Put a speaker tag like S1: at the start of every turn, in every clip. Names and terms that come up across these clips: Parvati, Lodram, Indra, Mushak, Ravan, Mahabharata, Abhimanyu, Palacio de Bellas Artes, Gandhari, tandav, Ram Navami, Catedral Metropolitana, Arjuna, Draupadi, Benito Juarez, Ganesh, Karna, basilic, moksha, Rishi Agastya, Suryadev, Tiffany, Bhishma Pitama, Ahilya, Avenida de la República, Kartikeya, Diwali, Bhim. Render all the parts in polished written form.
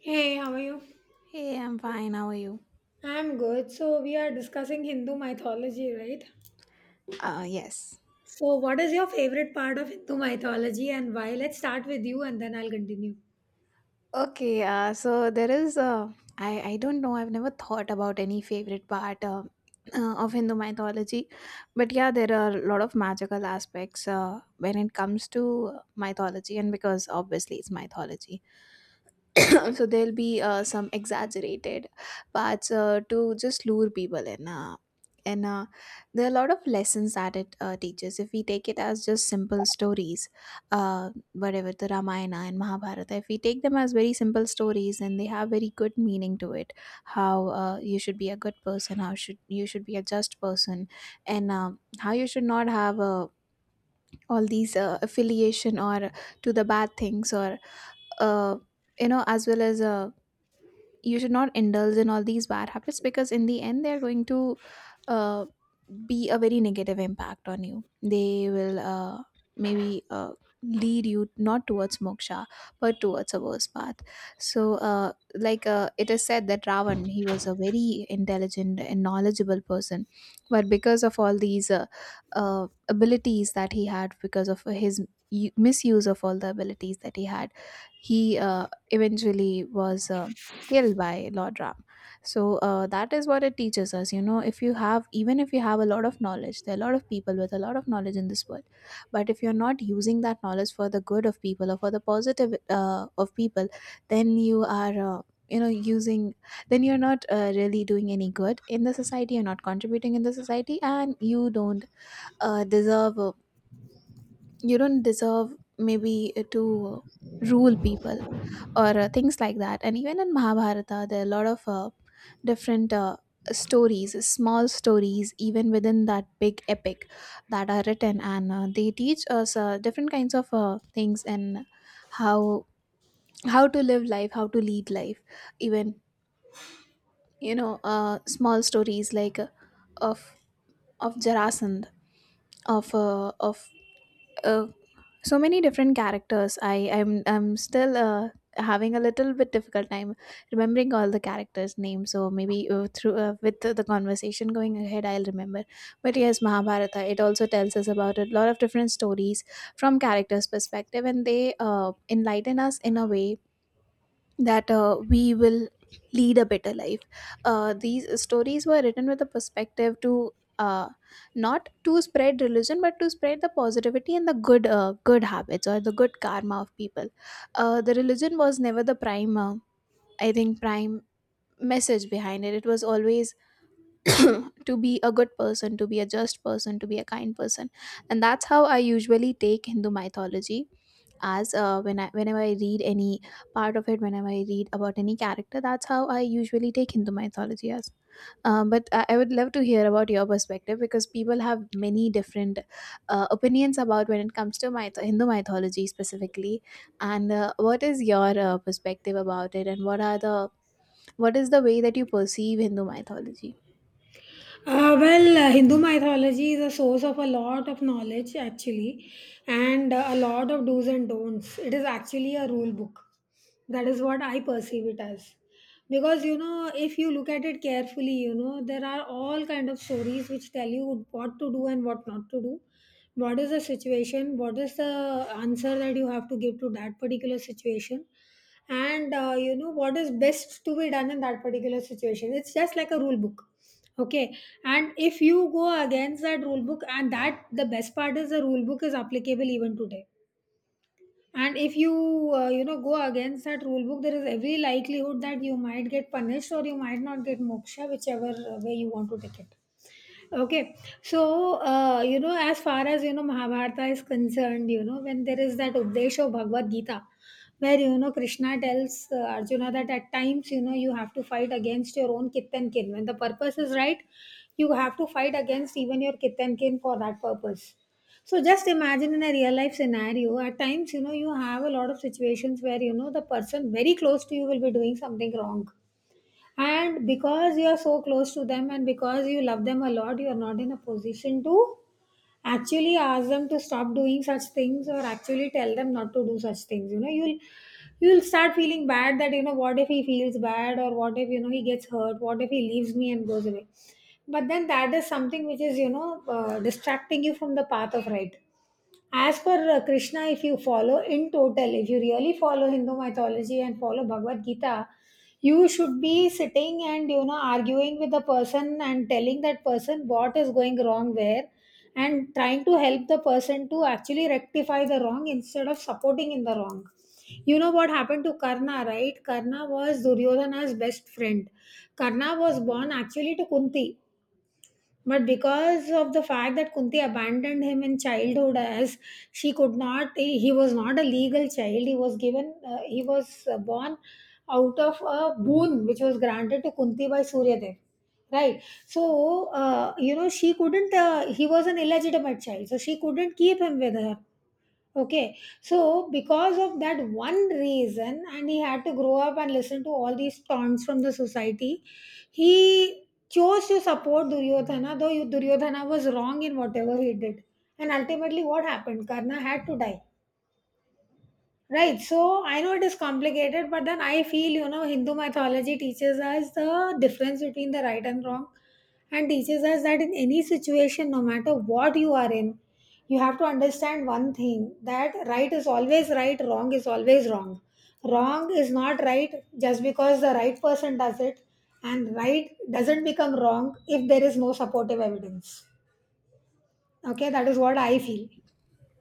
S1: Hey, how are you?
S2: Hey, I'm fine. How are you?
S1: I'm good. So, we are discussing Hindu mythology, right?
S2: Yes.
S1: So, what is your favorite part of Hindu mythology and why? Let's start with you and then I'll continue.
S2: Okay. So there is I don't know. I've never thought about any favorite part of Hindu mythology, but yeah, there are a lot of magical aspects when it comes to mythology, and because obviously it's mythology. So there'll be some exaggerated parts to just lure people in, and there are a lot of lessons that it teaches, if we take it as just simple stories, uh, whatever. The Ramayana and Mahabharata, if we take them as very simple stories, and they have very good meaning to it, how you should be a good person, how should you should be a just person, and how you should not have all these affiliation or to the bad things, or uh, you know, as well as you should not indulge in all these bad habits, because in the end they're going to uh, be a very negative impact on you. They will maybe lead you not towards moksha, but towards a worse path. So, like it is said that Ravan, he was a very intelligent and knowledgeable person, but because of all these abilities that he had, because of his misuse of all the abilities that he had, he eventually was killed by Lodram. So, that is what it teaches us, you know, if you have, even if you have a lot of knowledge, there are a lot of people with a lot of knowledge in this world. But if you're not using that knowledge for the good of people, or for the positive of people, then you are, using, then you're not really doing any good in the society, you're not contributing in the society, and you don't deserve, you don't deserve, maybe to uh, rule people, or things like that. And even in Mahabharata, there are a lot of different stories, small stories, even within that big epic, that are written. And they teach us different kinds of things, and how how to live life, how to lead life. Even, you know, small stories like of of Jarasandh, of uh, so many different characters. I'm still having a little bit difficult time remembering all the characters names, so maybe through with the conversation going ahead, I'll remember. But yes, Mahabharata, it also tells us about a lot of different stories from characters perspective, and they uh, enlighten us in a way that we will lead a better life. These stories were written with a perspective to uh, not to spread religion, but to spread the positivity and the good good habits or the good karma of people. The religion was never the prime, I think, prime message behind it. It was always to be a good person, to be a just person, to be a kind person. And that's how I usually take Hindu mythology as, whenever I read any part of it, whenever I read about any character, that's how I usually take Hindu mythology as. But I would love to hear about your perspective, because people have many different opinions about when it comes to Hindu mythology specifically. And what is your perspective about it, and what are the, what is the way that you perceive Hindu mythology?
S1: Hindu mythology is a source of a lot of knowledge, actually, and a lot of do's and don'ts. It is actually a rule book. That is what I perceive it as. Because, you know, if you look at it carefully, you know, there are all kind of stories which tell you what to do and what not to do. What is the situation? What is the answer that you have to give to that particular situation? And you know, what is best to be done in that particular situation. It's just like a rule book. Okay. And if you go against that rule book, and that the best part is the rule book is applicable even today. And if you you know, go against that rule book, there is every likelihood that you might get punished or you might not get moksha, whichever way you want to take it. Okay, so you know, as far as you know, Mahabharata is concerned, you know, when there is that Updesha Bhagavad Gita, where you know Krishna tells Arjuna that at times you know you have to fight against your own kith and kin. When the purpose is right, you have to fight against even your kith and kin for that purpose. So just imagine in a real life scenario, at times you know you have a lot of situations where you know the person very close to you will be doing something wrong, and because you are so close to them and because you love them a lot, you are not in a position to actually ask them to stop doing such things or actually tell them not to do such things. You know, you'll start feeling bad that, you know, what if he feels bad, or what if, you know, he gets hurt, what if he leaves me and goes away? But then that is something which is, you know, distracting you from the path of right. As per Krishna, if you follow in total, if you really follow Hindu mythology and follow Bhagavad Gita, you should be sitting and, you know, arguing with the person and telling that person what is going wrong where, and trying to help the person to actually rectify the wrong instead of supporting in the wrong. You know what happened to Karna, right? Karna was Duryodhana's best friend. Karna was born actually to Kunti, but because of the fact that Kunti abandoned him in childhood, as she could not, he was not a legal child. He was given, he was born out of a boon which was granted to Kunti by Suryadev. Right. So, you know, she couldn't, he was an illegitimate child. So she couldn't keep him with her. Okay, so because of that one reason, and he had to grow up and listen to all these taunts from the society, he chose to support Duryodhana, though Duryodhana was wrong in whatever he did. And ultimately, what happened? Karna had to die. Right. So I know it is complicated, but then I feel, you know, Hindu mythology teaches us the difference between the right and wrong, and teaches us that in any situation, no matter what you are in, you have to understand one thing: that right is always right, wrong is always wrong. Wrong is not right just because the right person does it, and right doesn't become wrong if there is no supportive evidence. Okay, that is what I feel.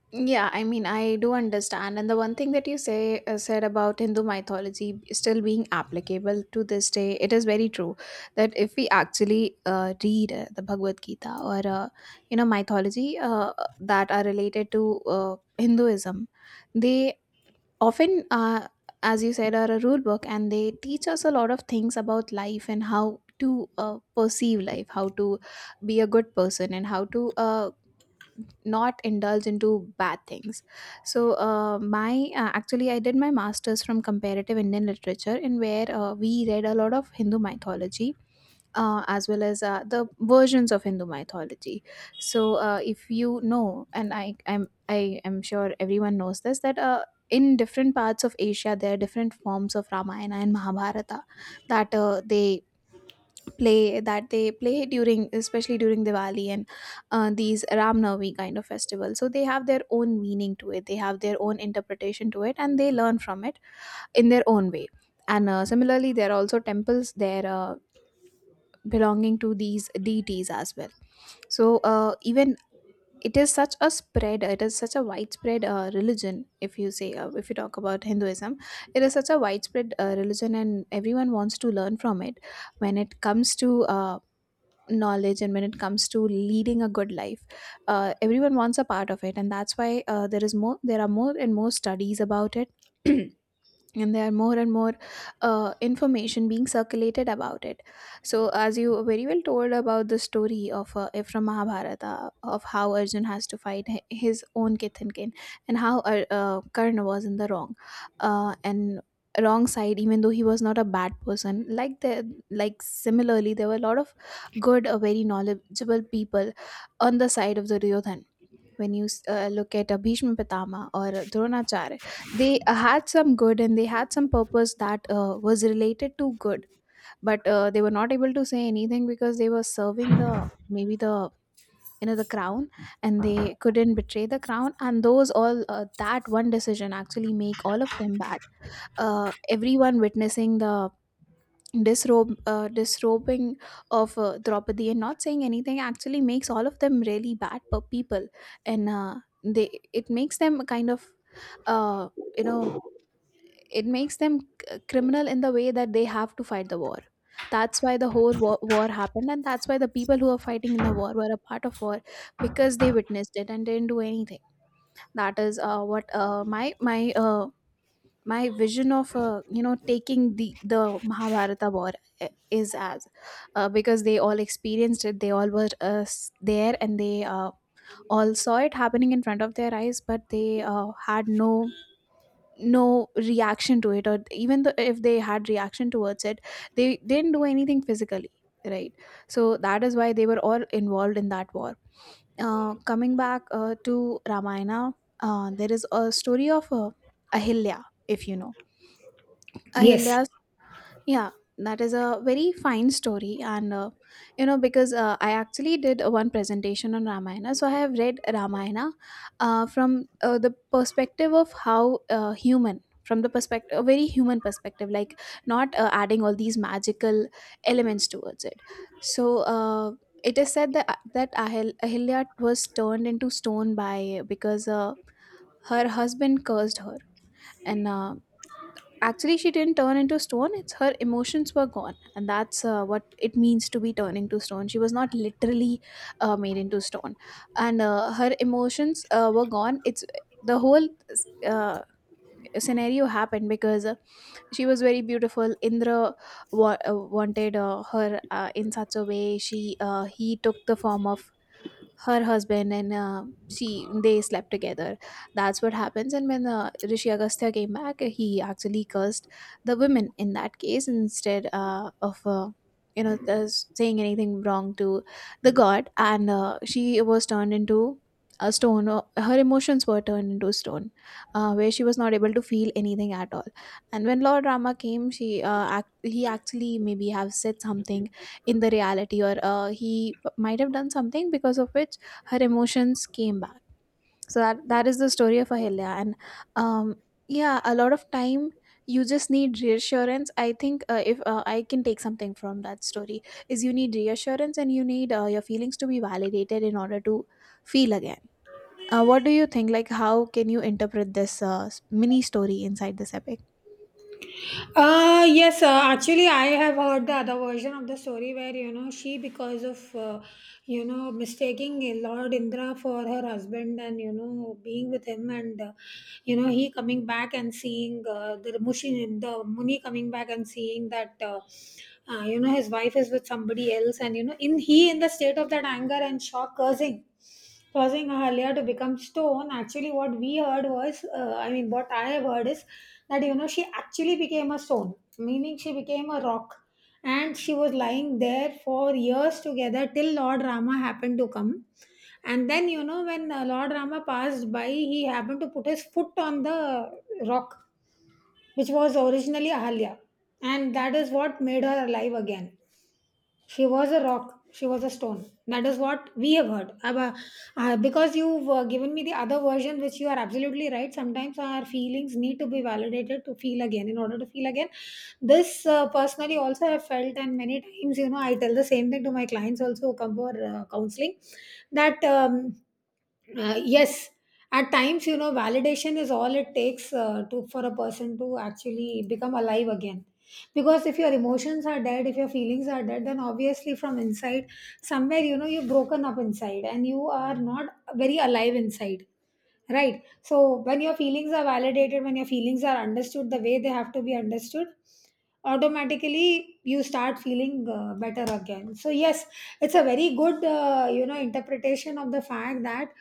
S2: Yeah, I mean, I do understand. And the one thing that you say said about Hindu mythology still being applicable to this day, it is very true that if we actually read the Bhagavad Gita, or you know, mythology that are related to Hinduism, they often, as you said, are a rule book, and they teach us a lot of things about life, and how to perceive life, how to be a good person, and how to not indulge into bad things. So my actually I did my masters from comparative Indian literature, in where we read a lot of Hindu mythology, as well as the versions of Hindu mythology. So, if you know, and I am sure everyone knows this, that in different parts of Asia there are different forms of Ramayana and Mahabharata, that they play during, especially during Diwali and these Ram Navami kind of festivals. So they have their own meaning to it, they have their own interpretation to it, and they learn from it in their own way. And similarly, there are also temples there belonging to these deities as well. So even, it is such a spread. It is such a widespread religion. If you say if you talk about Hinduism, it is such a widespread religion, and everyone wants to learn from it when it comes to knowledge, and when it comes to leading a good life, everyone wants a part of it. And that's why there are more and more studies about it. And there are more and more information being circulated about it. So as you very well told about the story of from Mahabharata, of how Arjun has to fight his own kith and kin, and how Karna was in the wrong, and wrong side, even though he was not a bad person. Like the, like similarly, there were a lot of good very knowledgeable people on the side of the Duryodhan. When you look at Bhishma Pitama or Dronacharya, they had some good and they had some purpose that was related to good, but they were not able to say anything, because they were serving the, maybe the, you know, the crown, and they couldn't betray the crown, and those all, that one decision actually make all of them bad. Everyone witnessing the disrobe disrobing of Draupadi, and not saying anything, actually makes all of them really bad per people. And they, it makes them kind of, uh, you know, it makes them criminal in the way that they have to fight the war. That's why the whole war happened, and that's why the people who are fighting in the war were a part of war, because they witnessed it and didn't do anything. That is what my vision of, you know, taking the Mahabharata war is as, because they all experienced it, they all were there, and they all saw it happening in front of their eyes, but they had no, no reaction to it, or even though if they had reaction towards it, they didn't do anything physically, right? So that is why they were all involved in that war. Coming back to Ramayana, there is a story of Ahilya, if you know.
S1: Yes.
S2: Ahilya, yeah, that is a very fine story. And, you know, because I actually did one presentation on Ramayana. So I have read Ramayana from the perspective of how human, from the perspective, a very human perspective, like not adding all these magical elements towards it. So, it is said that Ahilya was turned into stone by, because her husband cursed her, and actually, she didn't turn into stone. It's her emotions were gone, and that's what it means to be turning to stone. She was not literally made into stone, and her emotions were gone. It's the whole uh, scenario happened because she was very beautiful. Indra wanted her in such a way. She He took the form of her husband, and she they slept together. That's what happens. And when Rishi Agastya came back, he actually cursed the women in that case instead of you know uh, saying anything wrong to the god. And she was turned into a stone. Her emotions were turned into stone, where she was not able to feel anything at all. And when Lord Rama came, he actually maybe have said something in the reality, or he might have done something because of which her emotions came back. So that is the story of Ahilya. And um, yeah, a lot of time you just need reassurance, I think. If I can take something from that story is you need reassurance and you need your feelings to be validated in order to feel again. What do you think, like how can you interpret this mini story inside this epic?
S1: Yes, actually, I have heard the other version of the story where, you know, she, because of you know, mistaking Lord Indra for her husband and, you know, being with him, and you know, he coming back and seeing the Muni coming back and seeing that you know, his wife is with somebody else, and you know, in the state of that anger and shock, cursing causing Ahalya to become stone. Actually, what we heard was, I mean, what I have heard is that, you know, she actually became a stone, meaning she became a rock. And she was lying there for years together till Lord Rama happened to come. And then, you know, when Lord Rama passed by, he happened to put his foot on the rock, which was originally Ahalya. And that is what made her alive again. She was a rock. She was a stone. That is what we have heard. Because you've given me the other version, which you are absolutely right. Sometimes our feelings need to be validated to feel again. In order to feel again, this personally also I have felt, and many times, you know, I tell the same thing to my clients also who come for counseling. That. Yes, at times you know validation is all it takes to for a person to actually become alive again. Because if your emotions are dead, if your feelings are dead, then obviously from inside somewhere, you know, you're broken up inside and you are not very alive inside. Right. So when your feelings are validated, when your feelings are understood the way they have to be understood, automatically you start feeling better again. So yes, it's a very good you know, interpretation of the fact that,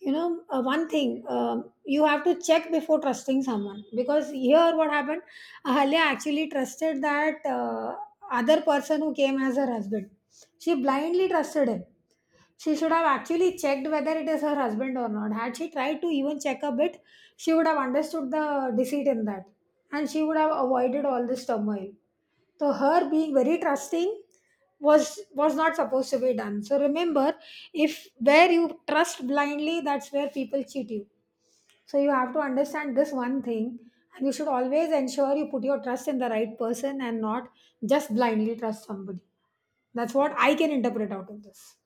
S1: you know, one thing, you have to check before trusting someone. Because here what happened, Ahalya actually trusted that other person who came as her husband. She blindly trusted him. She should have actually checked whether it is her husband or not. Had she tried to even check a bit, she would have understood the deceit in that, and she would have avoided all this turmoil. So her being very trusting was not supposed to be done. So remember, if where you trust blindly, that's where people cheat you. So you have to understand this one thing, and you should always ensure you put your trust in the right person and not just blindly trust somebody. That's what I can interpret out of this.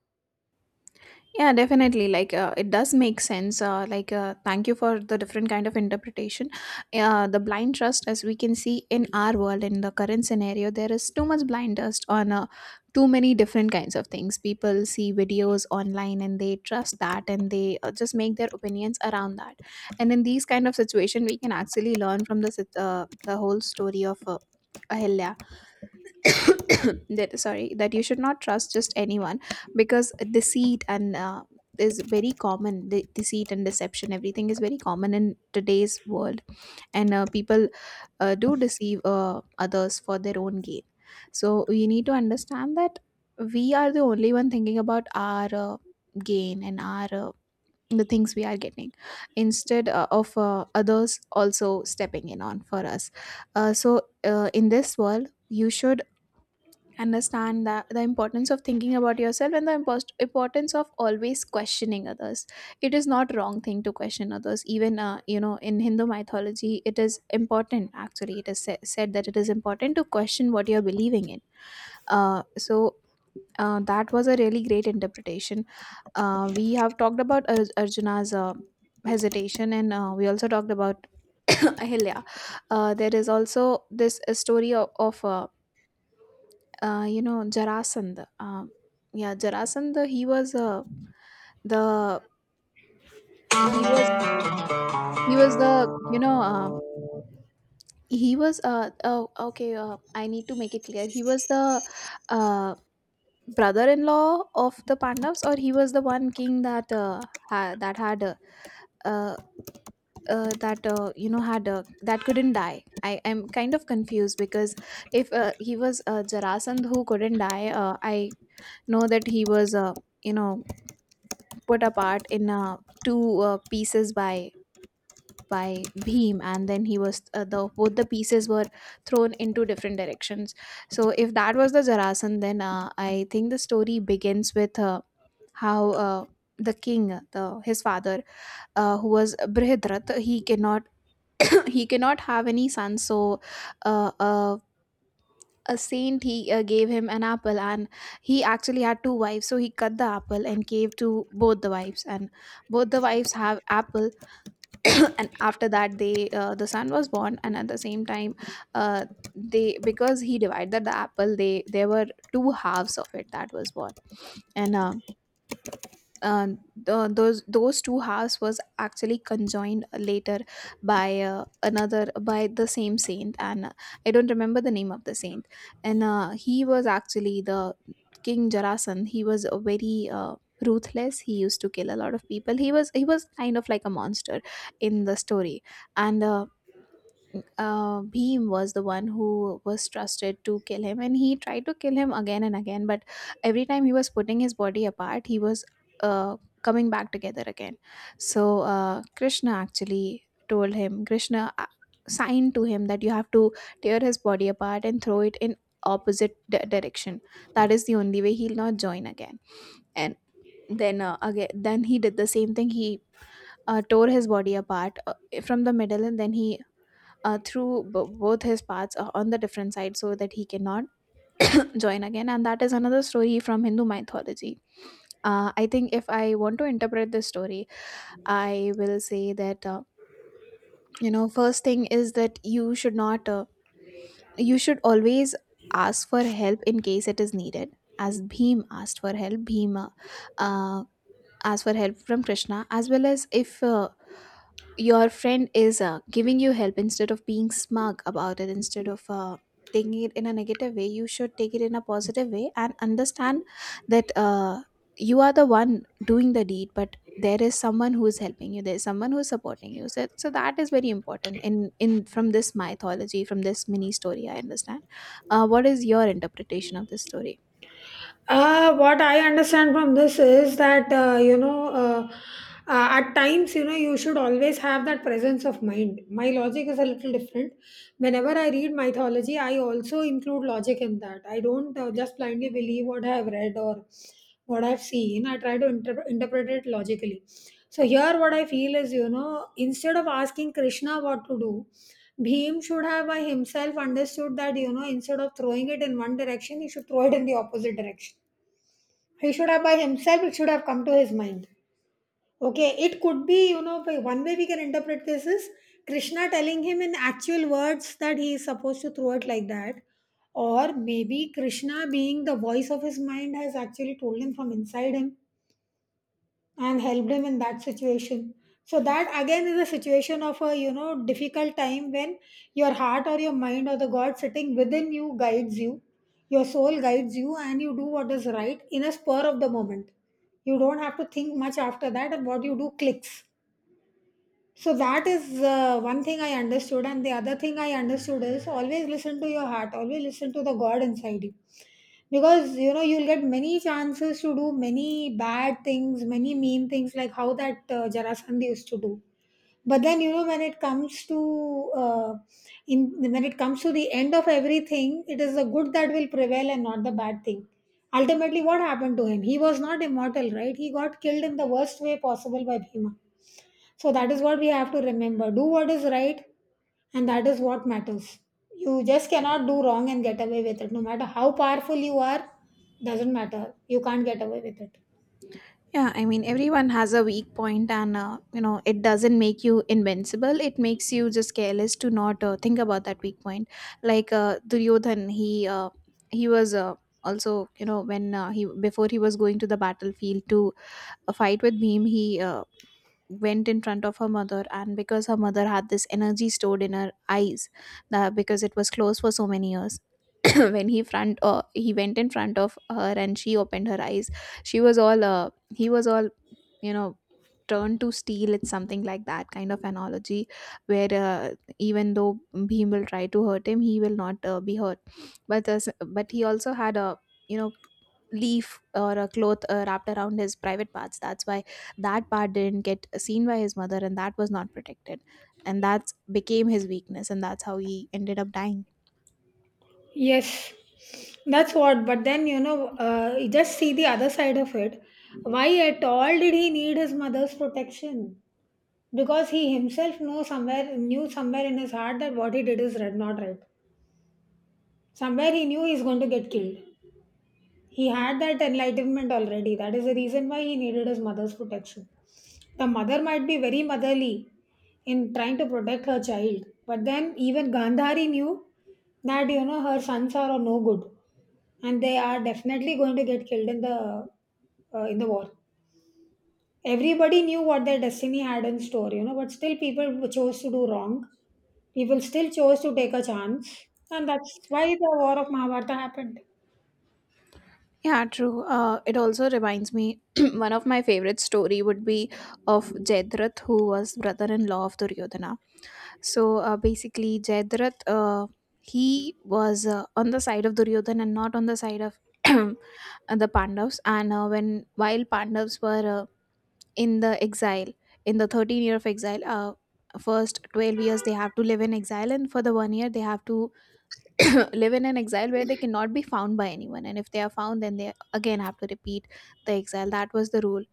S2: Yeah, definitely. Like, it does make sense. Thank you for the different kind of interpretation. The blind trust, as we can see in our world, in the current scenario, there is too much blind trust on too many different kinds of things. People see videos online and they trust that, and they just make their opinions around that. And in these kind of situation, we can actually learn from the the whole story of Ahilya that, sorry, that you should not trust just anyone, because deceit and is very common. Deceit and deception, everything is very common in today's world, and people do deceive others for their own gain. So we need to understand that we are the only one thinking about our gain and our the things we are getting, instead of others also stepping in on for us. So in this world you should understand that the importance of thinking about yourself and the importance of always questioning others. It is not wrong thing to question others. Even in Hindu mythology it is important. Actually it is said that it is important to question what you're believing in. So that was a really great interpretation. We have talked about Arjuna's hesitation, and we also talked about Ahilya. There is also this story of, you know, Jarasandh. Yeah, Jarasandh. He was the he was he was the, you know, he was uh oh okay. I need to make it clear. He was the uh, brother-in-law of the Pandavas, or he was the one king that that had uh, that you know had that couldn't die. I am kind of confused because if he was Jarasandh who couldn't die, I know that he was. You know, put apart in two pieces by Bhim, and then he was the, both the pieces were thrown into different directions. So if that was the Jarasan, then I think the story begins with how. The king, the his father who was Brihadrat, he cannot he cannot have any son. So uh, a a saint, he gave him an apple, and he actually had two wives, so he cut the apple and gave to both the wives, and both the wives have apple. And after that the son was born, and at the same time uh, they, because he divided the apple, they there were two halves of it that was born. And uh, uh, th- those those two halves was actually conjoined later by another, by the same saint, and I don't remember the name of the saint. And he was actually the king Jarasandh. He was a very ruthless, he used to kill a lot of people. He was kind of like a monster in the story. And Bhim was the one who was trusted to kill him, and he tried to kill him again and again. But every time he was putting his body apart, he was uh, coming back together again. So Krishna actually told him, Krishna signed to him that you have to tear his body apart and throw it in opposite direction. That is the only way he'll not join again. And then he did the same thing. He tore his body apart from the middle, and then he through both his paths on the different side so that he cannot join again. And that is another story from Hindu mythology. I think if I want to interpret this story, I will say that you know, first thing is that you should not you should always ask for help in case it is needed, as Bhim asked for help. Bhima uh, ask for help from Krishna, as well as if your friend is giving you help, instead of being smug about it, instead of taking it in a negative way, you should take it in a positive way and understand that you are the one doing the deed, but there is someone who is helping you, there is someone who is supporting you. So, that is very important in from this mythology, from this mini story I understand. What is your interpretation of this story?
S1: What I understand from this is that, at times, you know, you should always have that presence of mind. My logic is a little different. Whenever I read mythology, I also include logic in that. I don't just blindly believe what I have read or what I've seen. I try to interpret it logically. So, here, what I feel is, you know, instead of asking Krishna what to do, Bhim should have by himself understood that, you know, instead of throwing it in one direction, he should throw it in the opposite direction. He should have by himself, it should have come to his mind. Okay, it could be, you know, one way we can interpret this is Krishna telling him in actual words that he is supposed to throw it like that. Or maybe Krishna, being the voice of his mind, has actually told him from inside him and help them in that situation. So that again is a situation of a, you know, difficult time when your heart or your mind or the god sitting within you guides you, your soul guides you, and you do what is right in a spur of the moment. You don't have to think much after that, and what you do clicks. So that is one thing I understood, and the other thing I understood is always listen to your heart, always listen to the God inside you. Because you know, you'll get many chances to do many bad things, many mean things, like how that Jarasandh used to do. But then, you know, when it comes to in when it comes to the end of everything, it is the good that will prevail and not the bad thing. Ultimately, what happened to him? He was not immortal, right? He got killed in the worst way possible by Bhima. So that is what we have to remember. Do what is right, and that is what matters. You just cannot do wrong and get away with it. No matter how powerful you are, doesn't matter. You can't get away with it.
S2: Yeah, I mean, everyone has a weak point, and you know, it doesn't make you invincible. It makes you just careless to not think about that weak point. Like Duryodhan, he was also, you know, when he before he was going to the battlefield to fight with Bhim, he went in front of her mother, and because her mother had this energy stored in her eyes, that because it was closed for so many years. When he went in front of her and she opened her eyes, she was all he was all, you know, turn to steel. It's something like that kind of analogy, where even though Bhim will try to hurt him, he will not be hurt. But uh, but he also had a, you know, leaf or a cloth wrapped around his private parts. That's why that part didn't get seen by his mother, and that was not protected, and that became his weakness, and that's how he ended up dying.
S1: Yes, that's what. But then, you know, you just see the other side of it. Why at all did he need his mother's protection? Because he himself know somewhere knew somewhere in his heart that what he did is right, not right. Somewhere he knew he's going to get killed. He had that enlightenment already. That is the reason why he needed his mother's protection. The mother might be very motherly in trying to protect her child, but then even Gandhari knew that, you know, her sons are no good and they are definitely going to get killed in the war. Everybody knew what their destiny had in store, you know, but still people chose to do wrong. People still chose to take a chance, and that's why the war of Mahabharata happened.
S2: Yeah, true. It also reminds me one of my favorite story would be of Jedruth, who was brother-in-law of Duryodhana. So basically, Jayadratha, he was on the side of Duryodhan and not on the side of the Pandavas. And when, while Pandavas were in the exile, in the 13th year of exile, first 12 years they have to live in exile, and for the one year they have to live in an exile where they cannot be found by anyone. And if they are found, then they again have to repeat the exile. That was the rule.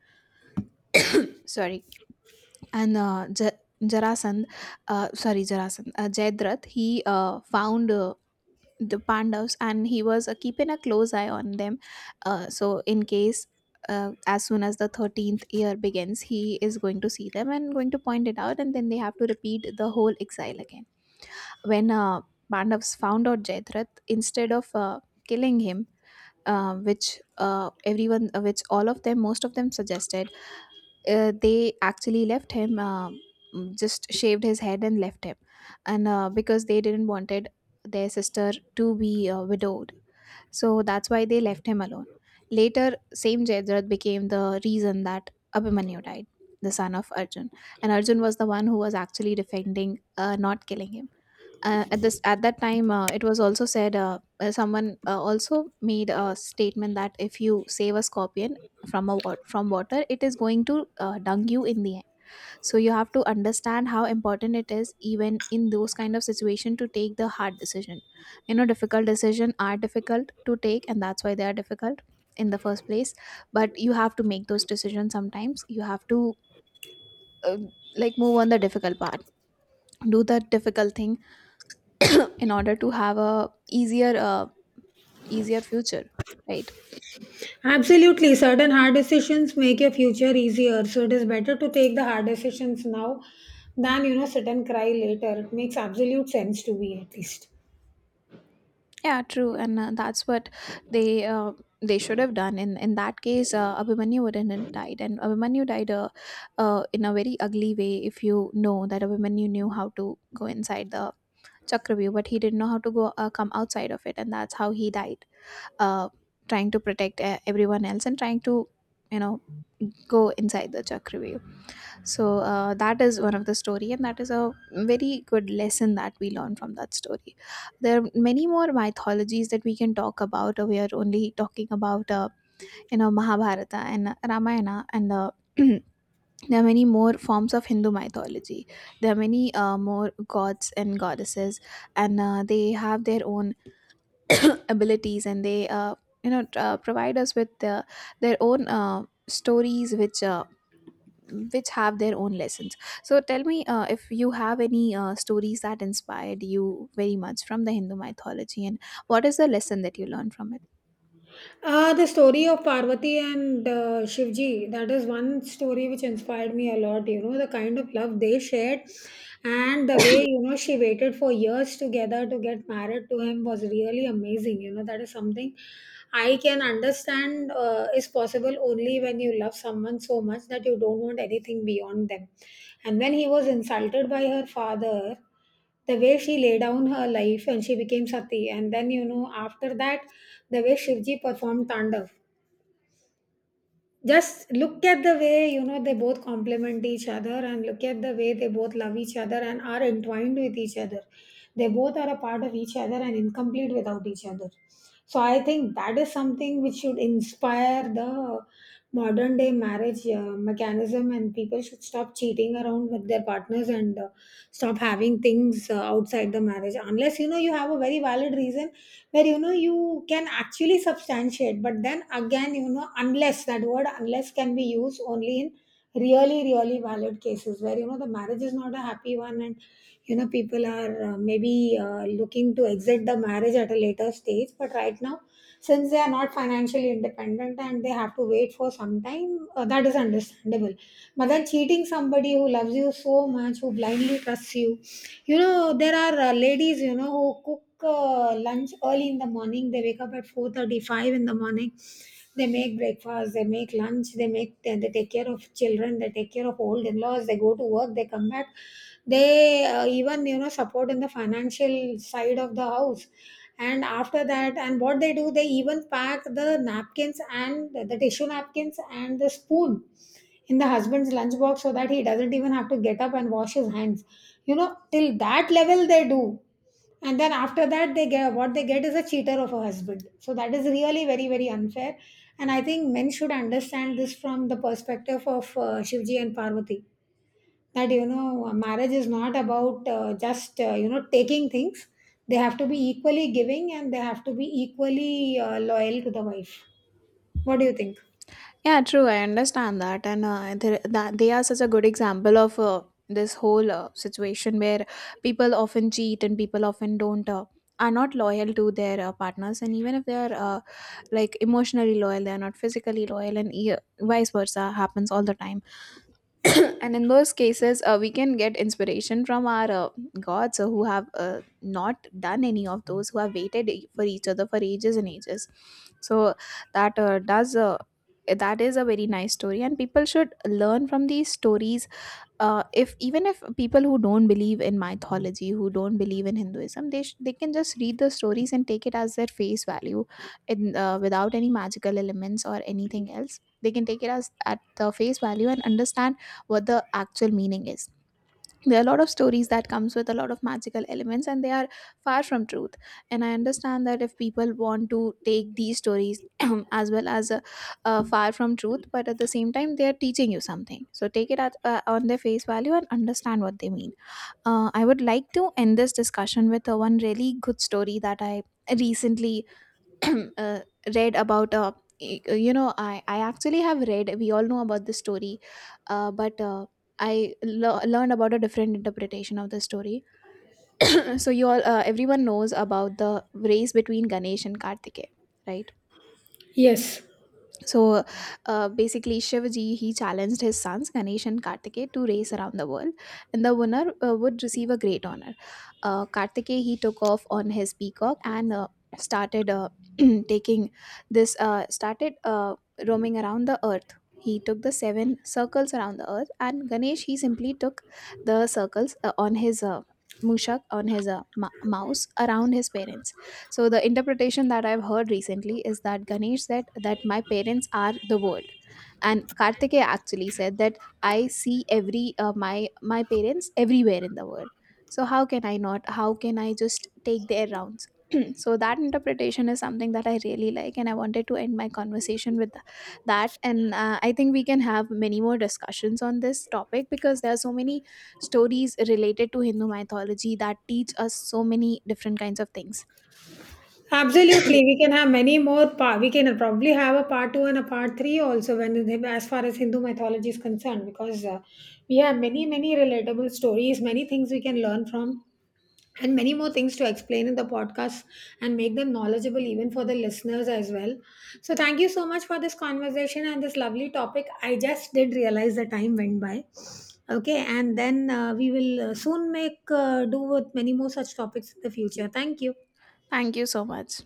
S2: Sorry. And Ja- Jarasandh, sorry, Jarasandh, Jayadratha, he found the Pandavas, and he was keeping a close eye on them. So, in case, as soon as the 13th year begins, he is going to see them and going to point it out, and then they have to repeat the whole exile again. When Pandavas found out Jayadratha, instead of killing him, which all of them, most of them, suggested, they actually left him, just shaved his head and left him, and because they didn't wanted their sister to be widowed, so that's why they left him alone. Later, same Jayadrath became the reason that Abhimanyu died, the son of Arjun. And Arjun was the one who was actually defending, not killing him, at that time. It was also said, someone also made a statement that if you save a scorpion from a from water, it is going to dung you in the end. So you have to understand how important it is, even in those kind of situation, to take the hard decision. You know, difficult decision are difficult to take, and that's why they are difficult in the first place. But you have to make those decisions. Sometimes you have to uh, like move on the difficult part, do that difficult thing in order to have a easier future, right?
S1: Absolutely. Certain hard decisions make your future easier. So it is better to take the hard decisions now than, you know, sit and cry later. It makes absolute sense to me, at least.
S2: Yeah, true. And that's what they uh, they should have done in that case. Abhimanyu wouldn't have died, and Abhimanyu died in a very ugly way. If you know that Abhimanyu knew how to go inside the chakravyuh, but he didn't know how to go come outside of it, and that's how he died, uh, trying to protect everyone else, and trying to, you know, go inside the chakravyuh. So that is one of the story, and that is a very good lesson that we learn from that story. There are many more mythologies that we can talk about. We are only talking about you know, Mahabharata and Ramayana, and there are many more forms of Hindu mythology. There are many more gods and goddesses, and they have their own abilities, and they provide us with their own stories, which have their own lessons. So tell me if you have any stories that inspired you very much from the Hindu mythology, and what is the lesson that you learned from it?
S1: The story of Parvati and Shivji, that is one story which inspired me a lot. You know, the kind of love they shared and the way, you know, she waited for years together to get married to him was really amazing. You know, that is something I can understand is possible only when you love someone so much that you don't want anything beyond them. And when he was insulted by her father, the way she laid down her life and she became sati, and then, you know, after that the way Shivji performed tandav, just look at the way, you know, they both complement each other and look at the way they both love each other and are entwined with each other. They both are a part of each other and incomplete without each other. So I think that is something which should inspire the modern day marriage mechanism, and people should stop cheating around with their partners and stop having things outside the marriage unless, you know, you have a very valid reason where, you know, you can actually substantiate. But then again, you know, unless that word unless can be used only in really, really valid cases where, you know, the marriage is not a happy one and, you know, people are maybe looking to exit the marriage at a later stage, but right now since they are not financially independent and they have to wait for some time, that is understandable. But then cheating somebody who loves you so much, who blindly trusts you, you know, there are ladies, you know, who cook lunch early in the morning. They wake up at 4:35 in the morning. They make breakfast, they make lunch, they make they take care of children, they take care of old in-laws, they go to work, they come back. They even, you know, support in the financial side of the house. And after that, and what they do, they even pack the napkins and the tissue napkins and the spoon in the husband's lunchbox so that he doesn't even have to get up and wash his hands. You know, till that level they do, and then after that they get, what they get is a cheater of a husband. So that is really very, very unfair, and I think men should understand this from the perspective of Shivji and Parvati, that, you know, marriage is not about just you know, taking things. They have to be equally giving and they have to be equally loyal to the wife. What do you think?
S2: Yeah, true. I understand that, and that they are such a good example of this whole situation where people often cheat and people often don't. Are not loyal to their partners, and even if they are like emotionally loyal, they are not physically loyal, and vice versa happens all the time. And in those cases we can get inspiration from our gods who have not done any of those, who have waited for each other for ages and ages. So that uh, does uh, that is a very nice story, and people should learn from these stories. If even if people who don't believe in mythology, who don't believe in Hinduism, they can just read the stories and take it as their face value in without any magical elements or anything else. They can take it as at the face value and understand what the actual meaning is. There are a lot of stories that comes with a lot of magical elements, and they are far from truth. And I understand that if people want to take these stories as well as far from truth, but at the same time they are teaching you something, so take it at, on their face value and understand what they mean. I would like to end this discussion with one really good story that I recently uh, read about. You know, I actually have read, we all know about the story, but I learned about a different interpretation of the story. So you all, everyone knows about the race between Ganesh and Kartikeya, right?
S1: Yes.
S2: So basically, Shivaji, he challenged his sons Ganesh and Kartikeya to race around the world, and the winner would receive a great honor. Kartikeya, he took off on his peacock and started taking this started roaming around the earth. He took the 7 circles around the earth, and Ganesh, he simply took the circles on his mushak, on his mouse, around his parents. So the interpretation that I've heard recently is that Ganesh said that my parents are the world. And Kartikeya actually said that I see every my parents everywhere in the world. So how can I not? How can I just take their rounds? So that interpretation is something that I really like, and I wanted to end my conversation with that. And I think we can have many more discussions on this topic, because there are so many stories related to Hindu mythology that teach us so many different kinds of things.
S1: Absolutely, we can have many more. We can probably have a part two and a part three also when as far as Hindu mythology is concerned, because we have many, many relatable stories, many things we can learn from, and many more things to explain in the podcast and make them knowledgeable even for the listeners as well. So thank you so much for this conversation and this lovely topic. I just did realize the time went by. Okay, and then we will soon make do with many more such topics in the future. Thank you.
S2: Thank you so much.